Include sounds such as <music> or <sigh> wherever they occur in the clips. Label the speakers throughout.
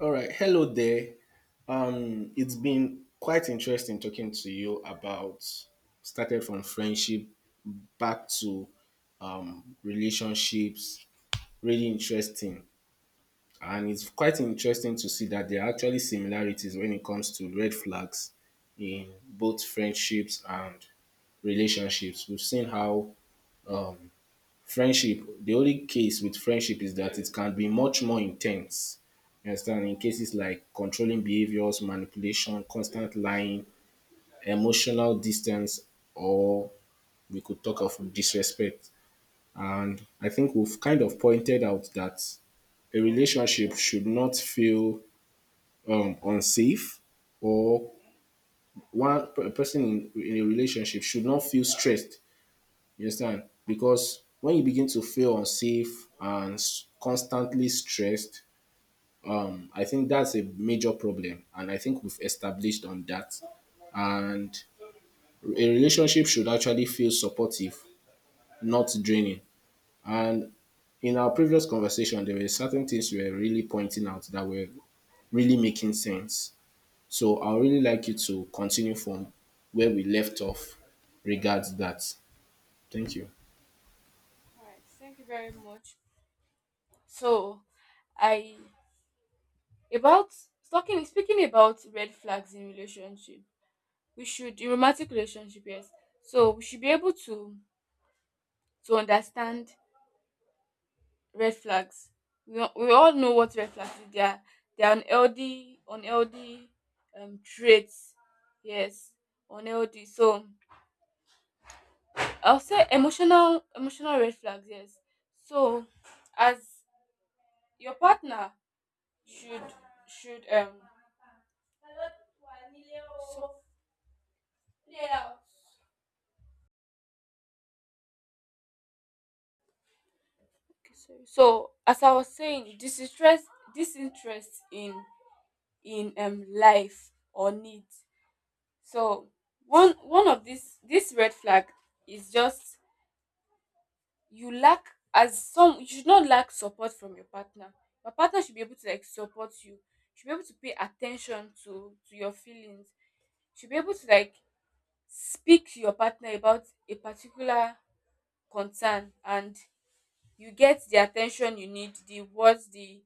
Speaker 1: All right. Hello there. It's been quite interesting talking to you about started from friendship back to relationships. Really interesting. And it's quite interesting to see that there are actually similarities when it comes to red flags in both friendships and relationships. We've seen how um, friendship, the only case with friendship is that it can be much more intense. You understand, in cases like controlling behaviors, manipulation, constant lying, emotional distance, or we could talk of disrespect. And I think we've kind of pointed out that a relationship should not feel unsafe, or one, a person in a relationship should not feel stressed. You understand? Because when you begin to feel unsafe and constantly stressed, I think that's a major problem. And I think we've established on that. And a relationship should actually feel supportive, not draining. And in our previous conversation, there were certain things you were really pointing out that were really making sense. So I would really like you to continue from where we left off regards that. Thank you.
Speaker 2: Right. Thank you very much. So, I about talking speaking about red flags in relationship. We should in romantic relationship, yes. So we should be able to understand red flags. We all know what red flags is. They are unhealthy traits. Yes, unhealthy. So I'll say emotional red flags. Yes. So as your partner should should So, as I was saying, disinterest in life or needs. So one of this red flag is just you lack you should not lack support from your partner. Your partner should be able to like support you. Should be able to pay attention to your feelings. Should be able to like speak to your partner about a particular concern, and you get the attention you need, the words, the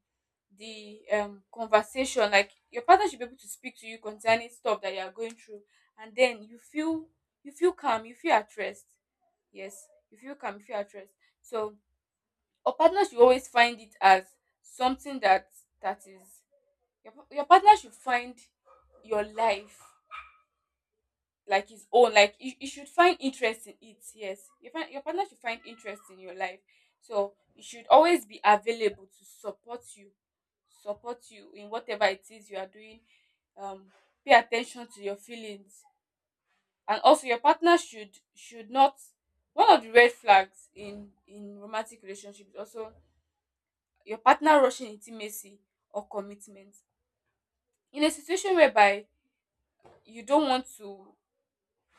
Speaker 2: the um conversation. Like your partner should be able to speak to you concerning stuff that you are going through, and then you feel calm, you feel at rest. Yes, you feel calm, you feel at rest. So your partner should always find it as something that that is your partner should find your life like his own. Like you should find interest in it. Yes, your partner should find interest in your life. So you should always be available to support you in whatever it is you are doing. um Pay attention to your feelings. And also your partner should not. One of the red flags in romantic relationships is also your partner rushing intimacy or commitment in a situation whereby you don't want to.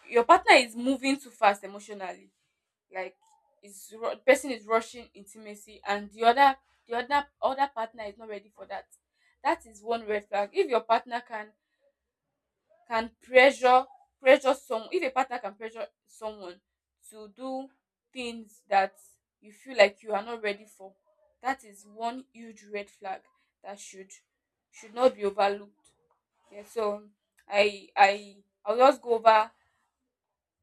Speaker 2: Your partner is moving too fast emotionally. Like the person is rushing intimacy and the other the other partner is not ready for that. That is one red flag. If your partner can pressure pressure some if a partner can pressure someone to do things that you feel like you are not ready for, that is one huge red flag that should not be overlooked. Yeah, so I I'll just go over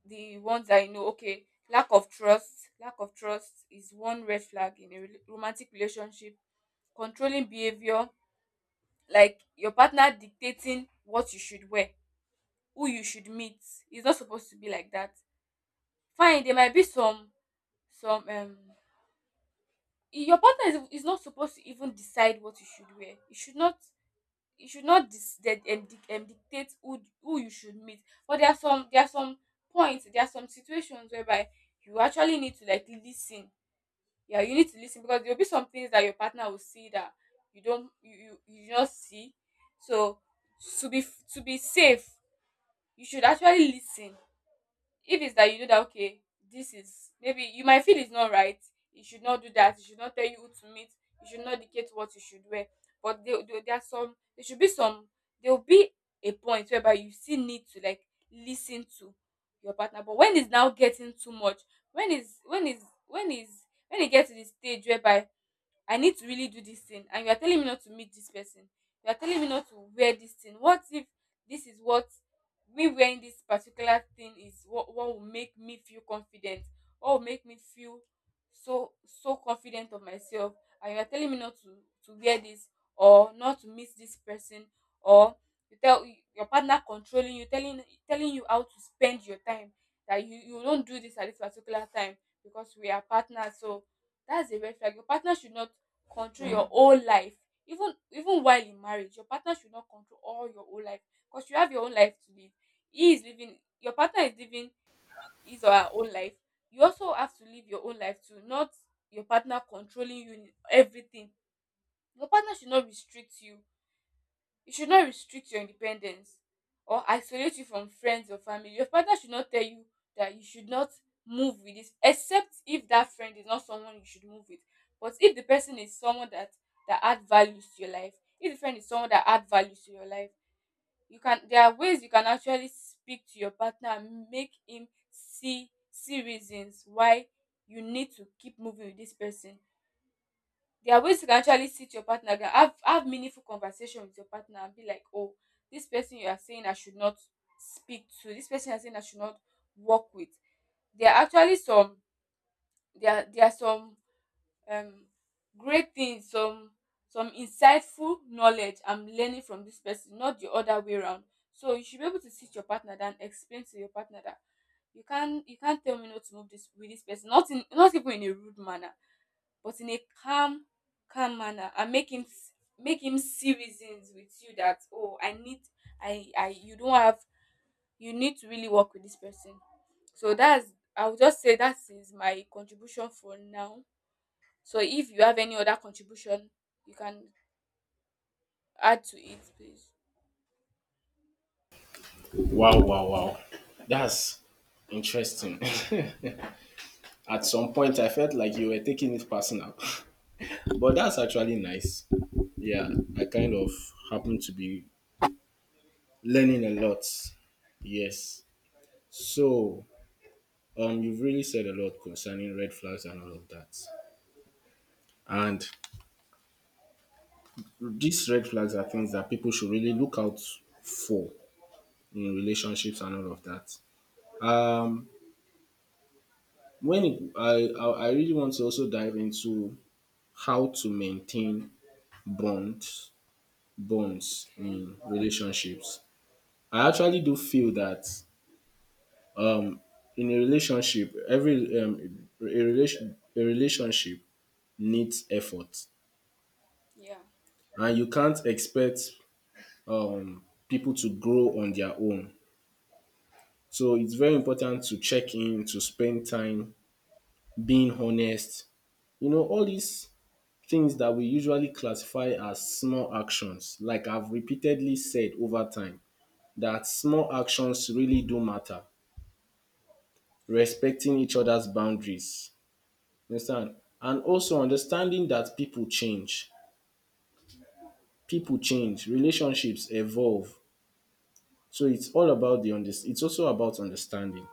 Speaker 2: the ones I know. Okay, lack of trust. Lack of trust is one red flag in a romantic relationship. Controlling behavior, like your partner dictating what you should wear, who you should meet. It's not supposed to be like that. Fine, there might be some some um your partner is not supposed to even decide what you should wear. You should not dictate who you should meet. But there are some there are some situations whereby you actually need to like listen. Yeah, you need to listen because there'll be some things that your partner will see that you don't you you, you do not see. So to be to be safe, you should actually listen. If it's that you know that, okay, this is maybe you might feel it's not right, you should not do that. You should not tell you who to meet. You should not dictate what you should wear. But there should be some, there will be a point whereby you still need to like listen to your partner. But when it's now getting too much, when is when is when is when it gets to the stage whereby I need to really do this thing and you are telling me not to meet this person. You are telling me not to wear this thing. What if this is what me wearing this particular thing is what will make me feel confident? What will make me feel so confident of myself, and you are telling me not to wear this or not to meet this person? Or you tell your partner controlling you, telling you how to spend your time, that you don't do this at this particular time because we are partners. So that's a red flag. Your partner should not control your whole life. Even while in marriage, your partner should not control all your whole life because you have your own life to live. He is living Your partner is living his or her own life. You also have to live your own life too, not your partner controlling you in everything. Your partner should not restrict you. You should not restrict your independence or isolate you from friends or family. Your partner should not tell you that you should not move with this, except if that friend is not someone you should move with. But if the person is someone that add values to your life, if the friend is someone that add values to your life, you can, there are ways you can actually speak to your partner and make him see reasons why you need to keep moving with this person. There are ways you can actually sit your partner down, have meaningful conversation with your partner and be like, oh, this person you are saying I should not speak to, this person you are saying I should not work with. There are actually some there are some um great things, some insightful knowledge I'm learning from this person, not the other way around. So you should be able to sit your partner down, explain to your partner that you can't tell me not to move this with this person, not even in a rude manner, but in a calm, manner and make make him see reasons with you that, oh, I need I you don't have you need to really work with this person. So that's, I'll just say that is my contribution for now. So if you have any other contribution, you can add to it, please.
Speaker 1: Wow, wow, wow. That's interesting. <laughs> At some point, I felt like you were taking it personal, <laughs> but that's actually nice. Yeah, I kind of happen to be learning a lot. Yes. So, you've really said a lot concerning red flags and all of that. And these red flags are things that people should really look out for in relationships and all of that. Um, when it, I really want to also dive into how to maintain bonds bonds
Speaker 2: Okay.
Speaker 1: in relationships. I actually do feel that um in a relationship, every a relation a relationship needs effort,
Speaker 2: Yeah.
Speaker 1: and you can't expect um people to grow on their own. So it's very important to check in, to spend time, being honest. You know, all these things that we usually classify as small actions, like I've repeatedly said over time, that small actions really do matter.
Speaker 2: Sure.
Speaker 1: Respecting each other's boundaries. You understand? And also understanding that people change. People change. Relationships evolve. So it's all about the it's also about understanding.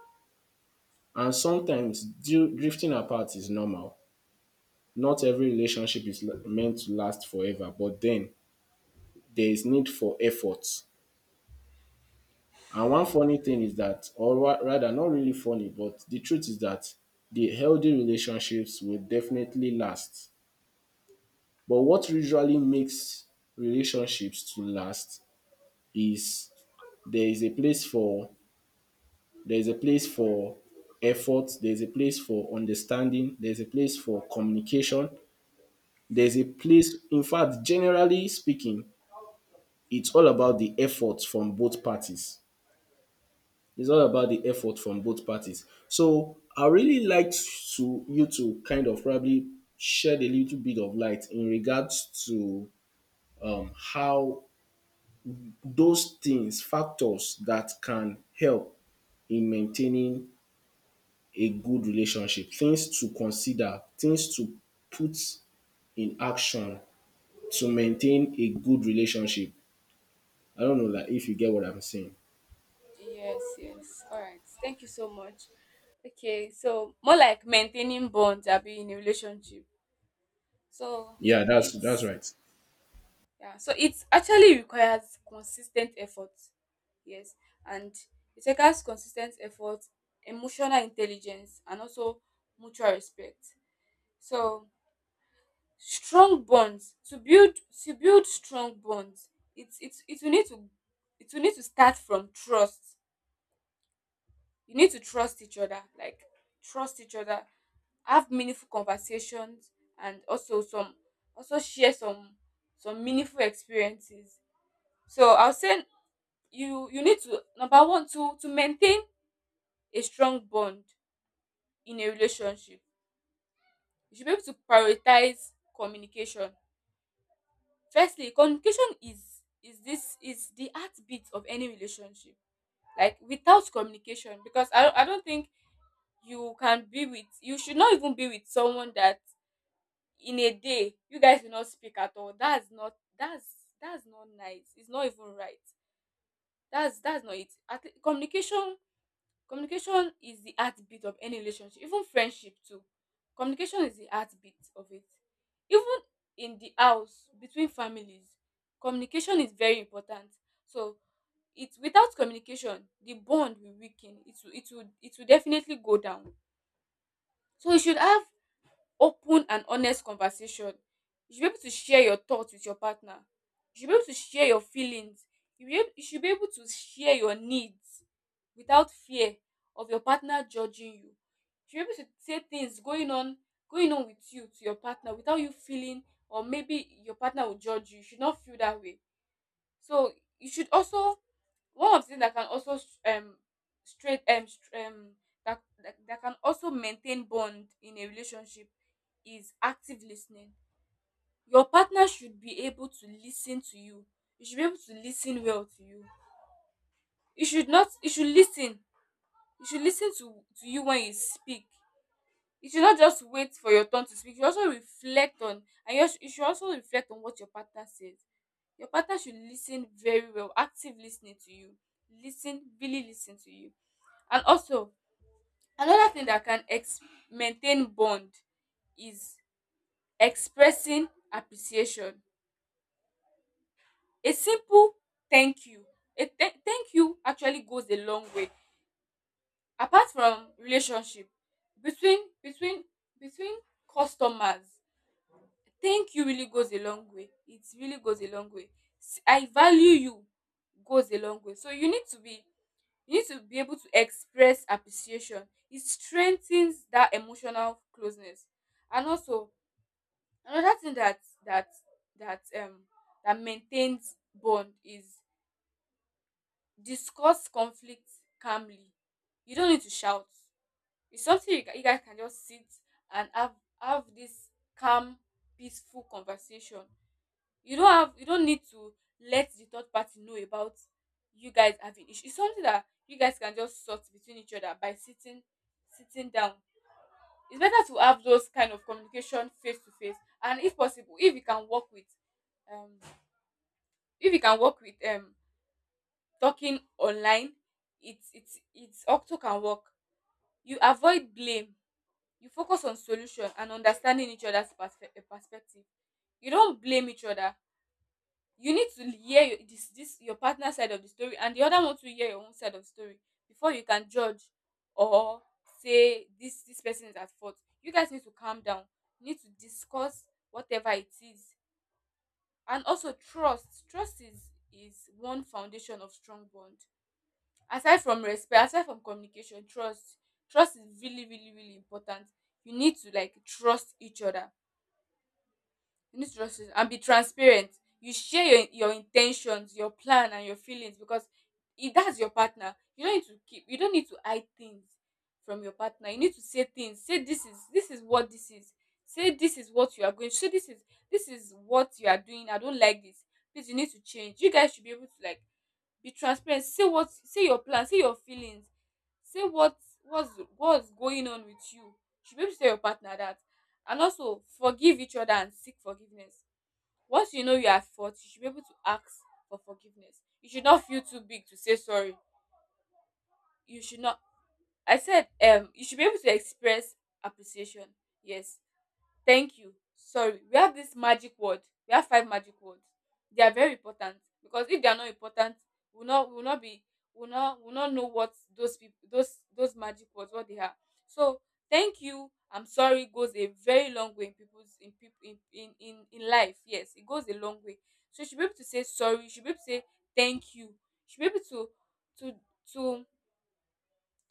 Speaker 1: And sometimes drifting apart is normal. Not every relationship is meant to last forever, but then there is need for effort. And one funny thing is that, or rather, not really funny, but the truth is that the healthy relationships will definitely last. But what usually makes relationships to last is there is a place for there is a place for effort, there's a place for understanding, there's a place for communication, there's a place in fact, generally speaking, it's all about the effort from both parties. It's all about the effort from both parties. So I really like to you to kind of probably shed a little bit of light in regards to how those things, factors that can help in maintaining a good relationship, things to consider, things to put in action to maintain a good relationship. I don't know like if you get what I'm saying.
Speaker 2: Yes, yes. All right. Thank you so much. Okay, so more like maintaining bonds, I'll be in a relationship. So
Speaker 1: Yeah, that's
Speaker 2: it's
Speaker 1: right.
Speaker 2: yeah, so it actually requires consistent effort. Yes, and it requires consistent effort, emotional intelligence, and also mutual respect. So strong bonds to build, to build strong bonds. It's it will need to, it will need to start from trust. You need to trust each other, like trust each other, have meaningful conversations, and also some also share some meaningful experiences. So I'll say you need to, number one, to maintain a strong bond in a relationship, you should be able to prioritize communication. Firstly, communication is this is the heartbeat of any relationship. Like, without communication, because I don't think you can be with, you should not even be with someone that in a day you guys will not speak at all. That's not nice. It's not even right. That's not it at, communication Communication is the heartbeat of any relationship, even friendship too. Communication is the heartbeat of it. Even in the house, between families, communication is very important. So it's without communication, the bond will weaken. It will definitely go down. So you should have open and honest conversation. You should be able to share your thoughts with your partner. You should be able to share your feelings. You should be able to share your needs without fear of your partner judging you. You should be able to say things going on with you to your partner without you feeling or maybe your partner will judge you. You should not feel that way. So you should also, one of the things that can also straight um, str- um that, that can also maintain bond in a relationship is active listening. Your partner should be able to listen to you. You should be able to listen well to you. You should not. You should listen. You should listen to you when you speak. You should not just wait for your turn to speak. You also reflect on and you, sh- you should also reflect on what your partner says. Your partner should listen very well. Active listening to you. Listen, really listen to you. And also, another thing that can maintain bond is expressing appreciation. A simple thank you. A thank you actually goes a long way. Apart from relationship between between customers, thank you really goes a long way. It really goes a long way. I value you goes a long way. So you need to be able to express appreciation. It strengthens that emotional closeness. And also, another thing that that um that maintains bond is discuss conflict calmly. You don't need to shout. It's something you guys can just sit and have this calm, peaceful conversation. You don't need to let the third party know about you guys having issue. It's something that you guys can just sort between each other by sitting down. It's better to have those kind of communication face to face. And if possible, if you can work with um if you can work with talking online, it's octo can work. You avoid blame, you focus on solution and understanding each other's perspective. You don't blame each other. You need to hear this your partner side of the story and the other one to hear your own side of the story before you can judge or say this person is at fault. You guys need to calm down, you need to discuss whatever it is. And also, trust is one foundation of strong bond. Aside from respect, aside from communication, trust, trust is really, really, really important. You need to like trust each other, you need to trust each and be transparent. You share your in your plan and your feelings, because if that's your partner, you don't need to hide things from your partner. You need to say things. Say this is what this is. Say this is what you are going, say this is what you are doing, I don't like this. Please, you need to change. You guys should be able to like be transparent. Say what, say your plan, say your feelings. Say what's what's going on with you. You should be able to tell your partner that. And also, forgive each other and seek forgiveness. Once you know you are at fault, you should be able to ask for forgiveness. You should not feel too big to say sorry. You should not I said you should be able to express appreciation. Yes. Thank you. Sorry. We have this magic word. We have five magic words. They are very important, because if they are not important, we'll not we'll not be we'll not know what those people those magic words, what they are. So thank you. I'm sorry goes a very long way in people in, in life. Yes, it goes a long way. So you should be able to say sorry. You should be able to say thank you. You should be able to to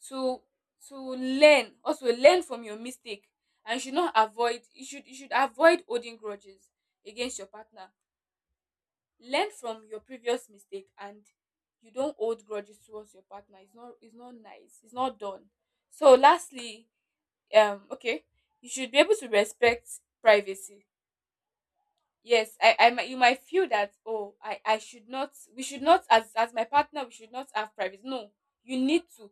Speaker 2: to to learn, also learn from your mistake. And you should not avoid you should avoid holding grudges against your partner. Learn from your previous mistake, and you don't hold grudges towards your partner. It's not, it's not nice, it's not done. So lastly, okay, you should be able to respect privacy. Yes, I might, you might feel that, oh, I should not, we should not as my partner, we should not have privacy. No, you need to,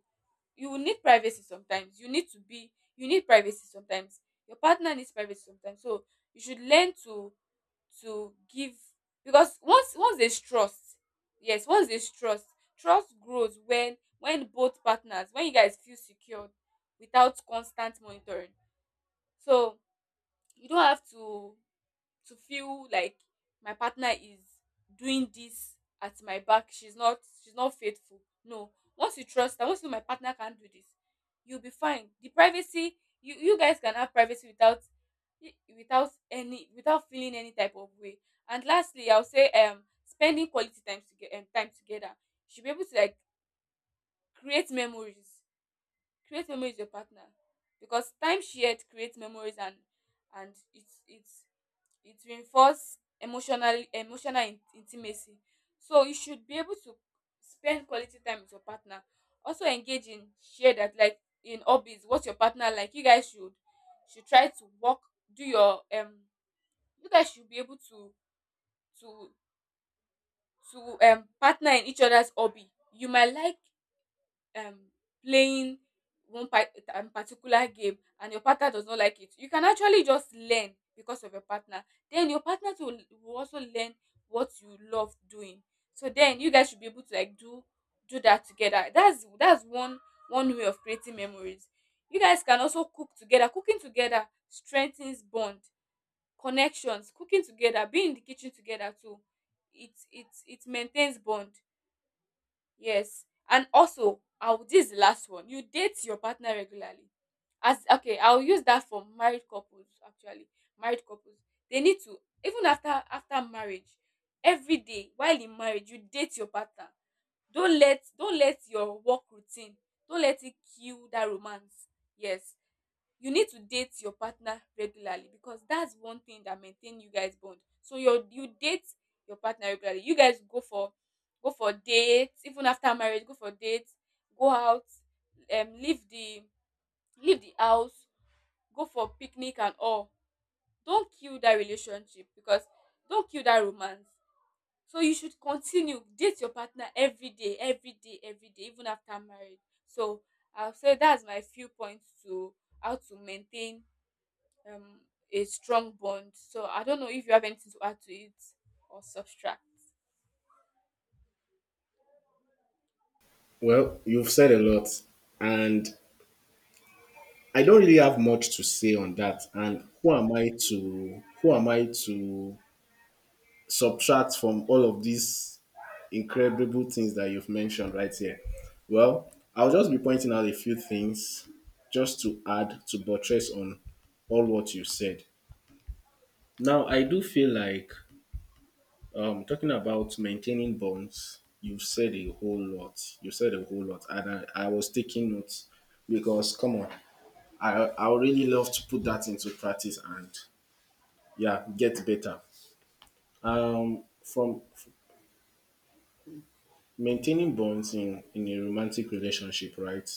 Speaker 2: you will need privacy sometimes. You need to be, you need privacy sometimes. Your partner needs privacy sometimes. So you should learn to give. Because once there's trust, yes, once there's trust, trust grows when both partners, when you guys feel secured without constant monitoring. So you don't have to feel like my partner is doing this at my back, she's not, she's not faithful. No. Once you trust her, once you know my partner can do this, you'll be fine. The privacy, you guys can have privacy without, without any, without feeling any type of way. And lastly, I'll say spending quality time together, time together. You should be able to like create memories, create memories with your partner, because time shared creates memories. And and it reinforces emotional emotional in intimacy. So you should be able to spend quality time with your partner. Also, engage in share that, like in hobbies, what your partner like. You guys should try to work, do your you guys should be able to to partner in each other's hobby. You might like um playing one part particular game, and your partner does not like it. You can actually just learn because of your partner. Then your partner too will also learn what you love doing. So then you guys should be able to like do do that together. That's one one way of creating memories. You guys can also cook together. Cooking together strengthens bond, connections. Cooking together, being in the kitchen together too, it maintains bond. Yes. And also, I'll this is the last one. You date your partner regularly. As Okay, I'll use that for married couples actually. Married couples. They need to, even after after marriage, every day while in marriage, you date your partner. Don't let your work routine, don't let it kill that romance. Yes, you need to date your partner regularly, because that's one thing that maintain you guys bond. So your, you date your partner regularly. You guys go for go for dates, even after marriage, go for dates, go out, um leave the leave the house, go for picnic and all. Don't kill that relationship, because don't kill that romance. So you should continue date your partner every day, every day, every day, even after marriage. So I'll say that's my few points to how to maintain um, a strong bond. So I don't know if you have anything to add to it or subtract.
Speaker 1: Well, you've said a lot, and I don't really have much to say on that. And who am I to subtract from all of these incredible things that you've mentioned right here. Well, I'll just be pointing out a few things just to add to buttress on all what you said. Now, I do feel like talking about maintaining bonds, you've said a whole lot. You said a whole lot, and I was taking notes because, come on, I would really love to put that into practice and yeah, get better. From maintaining bonds in a romantic relationship, right?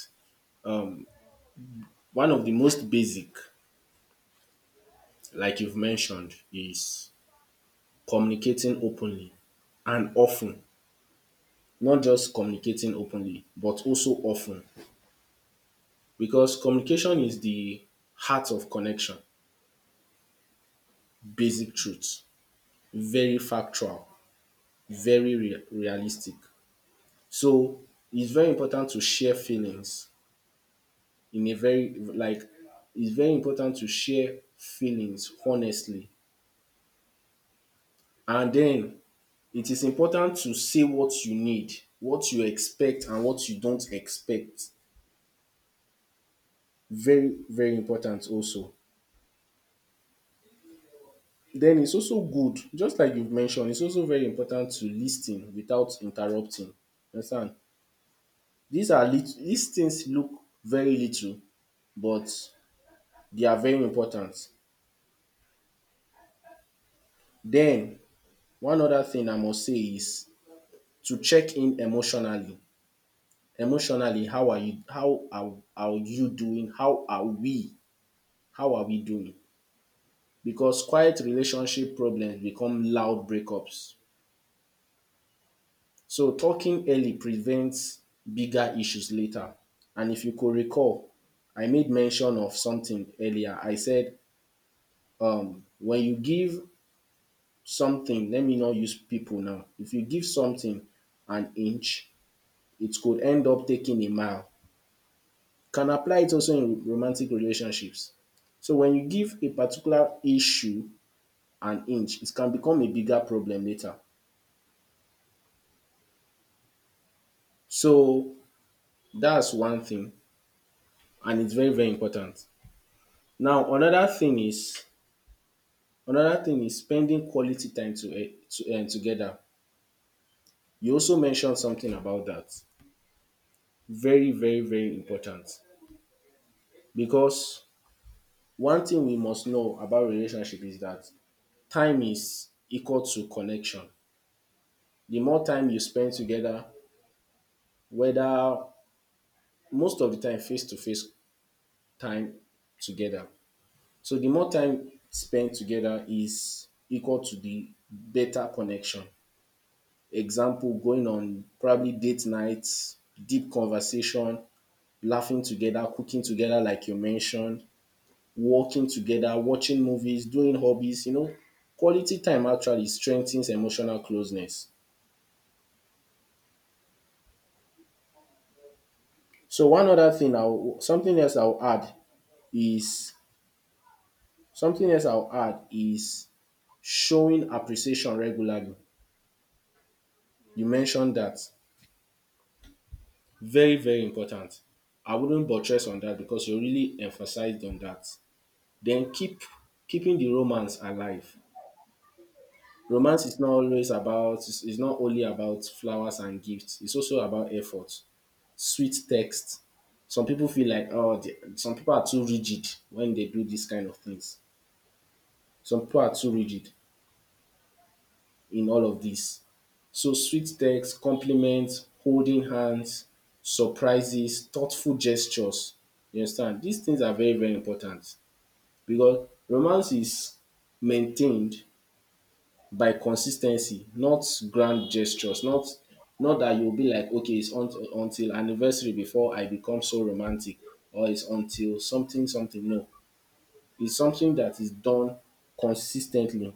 Speaker 1: One of the most basic, like you've mentioned, is communicating openly and often. Not just communicating openly, but also often, because communication is the heart of connection. Basic truth. Very factual. Very realistic. So it's very important to share feelings in a very like it's very important to share feelings honestly. And then it is important to say what you need, what you expect and what you don't expect. Very, very important also. Then it's also good, just like you've mentioned, it's also very important to lis without interrupting. Understand? These are these things look very little but they are very important. Then one other thing I must say is to check in emotionally. Emotionally, how are you, how are you doing? How are we? How are we doing? Because quiet relationship problems become loud breakups. So talking early prevents bigger issues later. And if you could recall, I made mention of something earlier. I said, when you give something, let me not use people now. If you give something an inch, it could end up taking a mile. Can apply it also in romantic relationships. So when you give a particular issue an inch, it can become a bigger problem later. So that's one thing and it's very, very important. Now another thing is spending quality time to to together. You also mentioned something about that. Very, very, very important. Because one thing we must know about relationship is that time is equal to connection. The more time you spend together, whether most of the time face to face, time together. So the more time spent together is equal to the better connection. Example, going on probably date nights, deep conversation, laughing together, cooking together, like you mentioned, working together, watching movies, doing hobbies, you know. Quality time actually strengthens emotional closeness. So one other thing I'll something else I'll add is something else I'll add is showing appreciation regularly. You mentioned that. Very, very important. I wouldn't buttress on that because you really emphasized on that. Then keeping the romance alive. Romance is not always about it's not only about flowers and gifts. It's also about effort, sweet text. Some people feel like oh, some people are too rigid when they do these kind of things. Some people are too rigid in all of this. So sweet text, compliments, holding hands, surprises, thoughtful gestures. You understand? These things are very, very important because romance is maintained by consistency, not grand gestures, not not that you'll be like, okay, it's until anniversary before I become so romantic, or it's until something, something. No, it's something that is done consistently.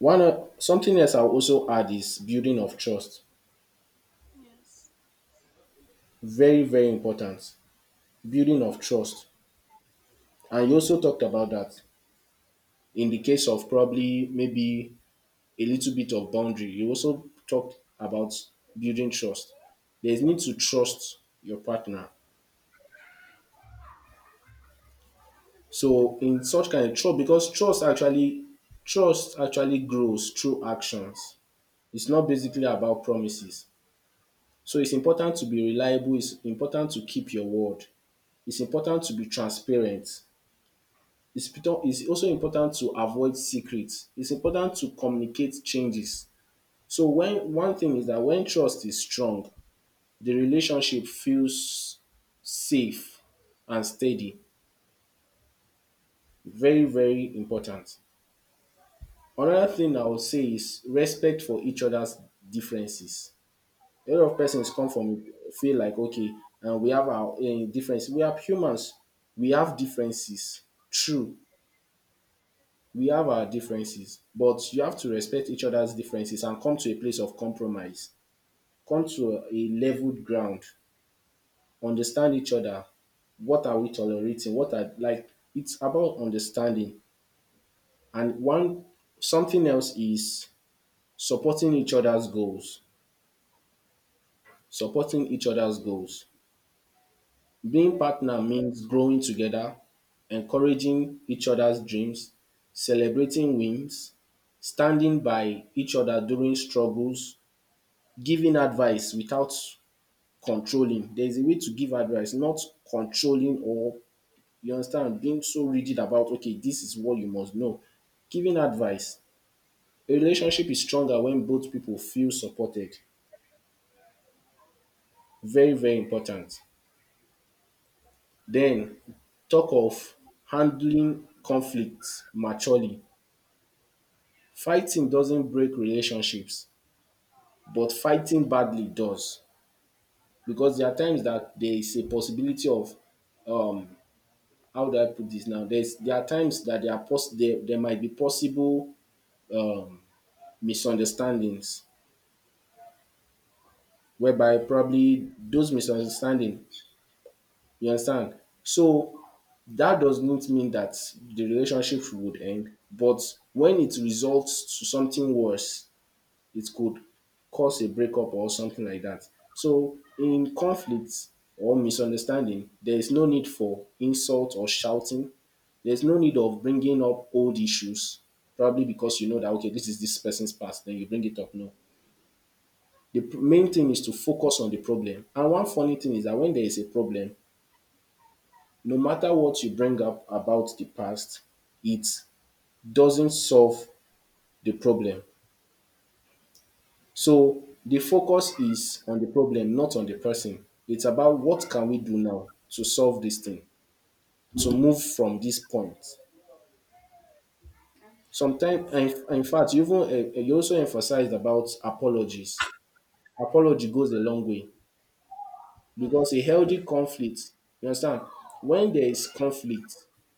Speaker 1: Something else I'll also add is building of trust.
Speaker 2: Yes.
Speaker 1: Very, very important. Building of trust. And you also talked about that in the case of probably maybe a little bit of boundary. You also talked about building trust. There's need to trust your partner. So in such kind of trust, because trust actually grows through actions. It's not basically about promises. So it's important to be reliable. It's important to keep your word. It's important to be transparent. It's, it's also important to avoid secrets. It's important to communicate changes. So when one thing is that when trust is strong, the relationship feels safe and steady. Very, very important. Another thing I would say is respect for each other's differences. A lot of persons come from feel like okay, and we have our difference. We are humans. We have differences. True, we have our differences, but you have to respect each other's differences and come to a place of compromise. Come to a leveled ground, understand each other. What are we tolerating? What are like it's about understanding. And one something else is supporting each other's goals. Supporting each other's goals. Being partner means growing together, encouraging each other's dreams, celebrating wins, standing by each other during struggles, giving advice without controlling. There is a way to give advice, not controlling or you understand? Being so rigid about, okay, this is what you must know. Giving advice. A relationship is stronger when both people feel supported. Very, very important. Then, talk of handling conflicts maturely. Fighting doesn't break relationships, but fighting badly does. Because there are times that there is a possibility of um how do I put this now? There are times that there are there might be possible um misunderstandings whereby probably those misunderstanding, you understand? So that does not mean that the relationship would end, but when it results to something worse, it could cause a breakup or something like that. So in conflicts or misunderstanding, there is no need for insult or shouting. There's no need of bringing up old issues, probably because you know that okay, this is this person's past, then you bring it up. No, the main thing is to focus on the problem. And one funny thing is that when there is a problem, no matter what you bring up about the past, it doesn't solve the problem. So the focus is on the problem, not on the person. It's about what can we do now to solve this thing, to move from this point. Sometimes, and in fact, you even you also emphasized about apologies. Apology goes a long way, because a healthy conflict, you understand, when there is conflict,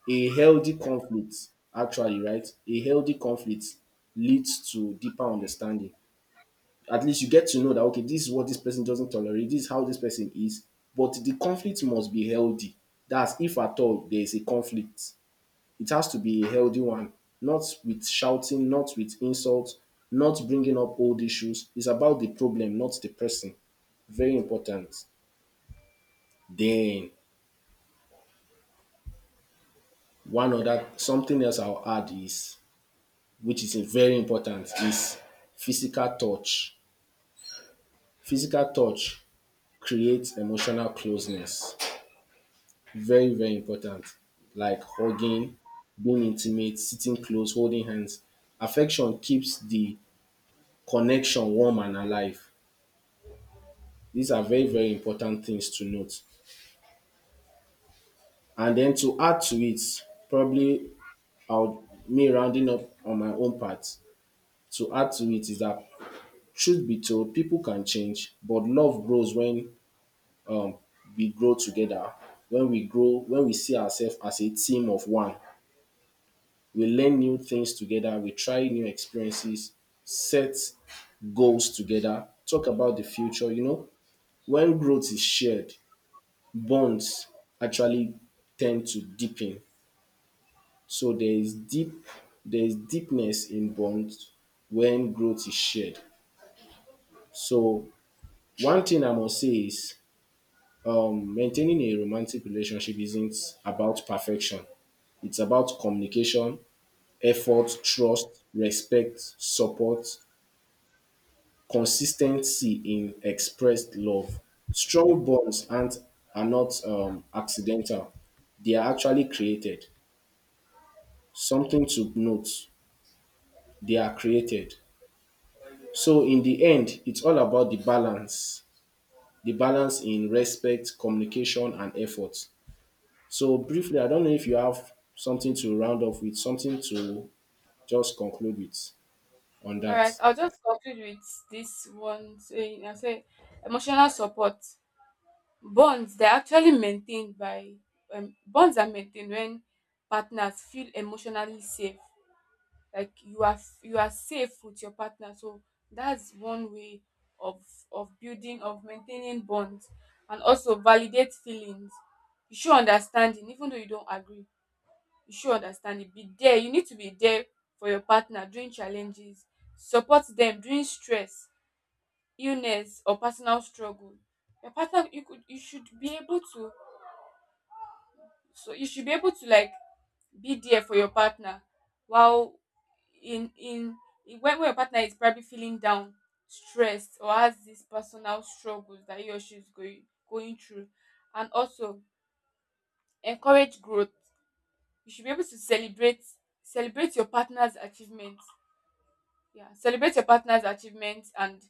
Speaker 1: a healthy conflict a healthy conflict leads to deeper understanding. At least you get to know that, okay, this is what this person doesn't tolerate, this is how this person is. But the conflict must be healthy. That's if at all there is a conflict. It has to be a healthy one, not with shouting, not with insults, not bringing up old issues. It's about the problem, not the person. Very important. Then One other something else I'll add is, which is very important, is physical touch. Physical touch creates emotional closeness. Very, very important. Like hugging, being intimate, sitting close, holding hands. Affection keeps the connection warm and alive. These are very, very important things to note. And then to add to it, probably I'll me rounding up on my own part, to add to it is that truth be told, people can change, but love grows when um, we grow together. When we grow, when we see ourselves as a team of one, we learn new things together, we try new experiences, set goals together, talk about the future. You know, when growth is shared, bonds actually tend to deepen. So there is deepness in bonds when growth is shared. So one thing I must say is maintaining a romantic relationship isn't about perfection. It's about communication, effort, trust, respect, support, consistency in expressed love. Strong bonds aren't, are not accidental, they are actually created. Something to note, they are created. So, in the end, it's all about the balance in respect, communication, and effort. So briefly, I don't know if you have something to round off with, something to just conclude with on
Speaker 2: All
Speaker 1: that.
Speaker 2: right, I'll just conclude with this one saying. I say emotional support, bonds they're actually maintained by bonds are maintained when partners feel emotionally safe. Like you are, you are safe with your partner. So that's one way of of building of maintaining bonds. And also validate feelings. You show understanding even though you don't agree, you should understand it. Be there, you need to be there for your partner during challenges, support them during stress, illness or personal struggle. Your partner, you could, you should be able to, so you should be able to like be there for your partner while in when your partner is probably feeling down, stressed, or has these personal struggles that he or she is going through. And also encourage growth. You should be able to celebrate your partner's achievements. Yeah, celebrate your partner's achievements, and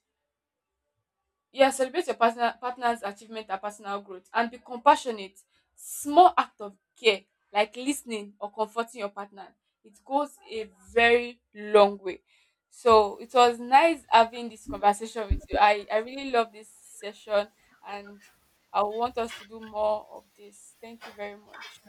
Speaker 2: yeah, celebrate your partner's achievement and personal growth. And be compassionate. Small act of care, like listening or comforting your partner, it goes a very long way. So it was nice having this conversation with you. I really love this session, and I want us to do more of this. Thank you very much.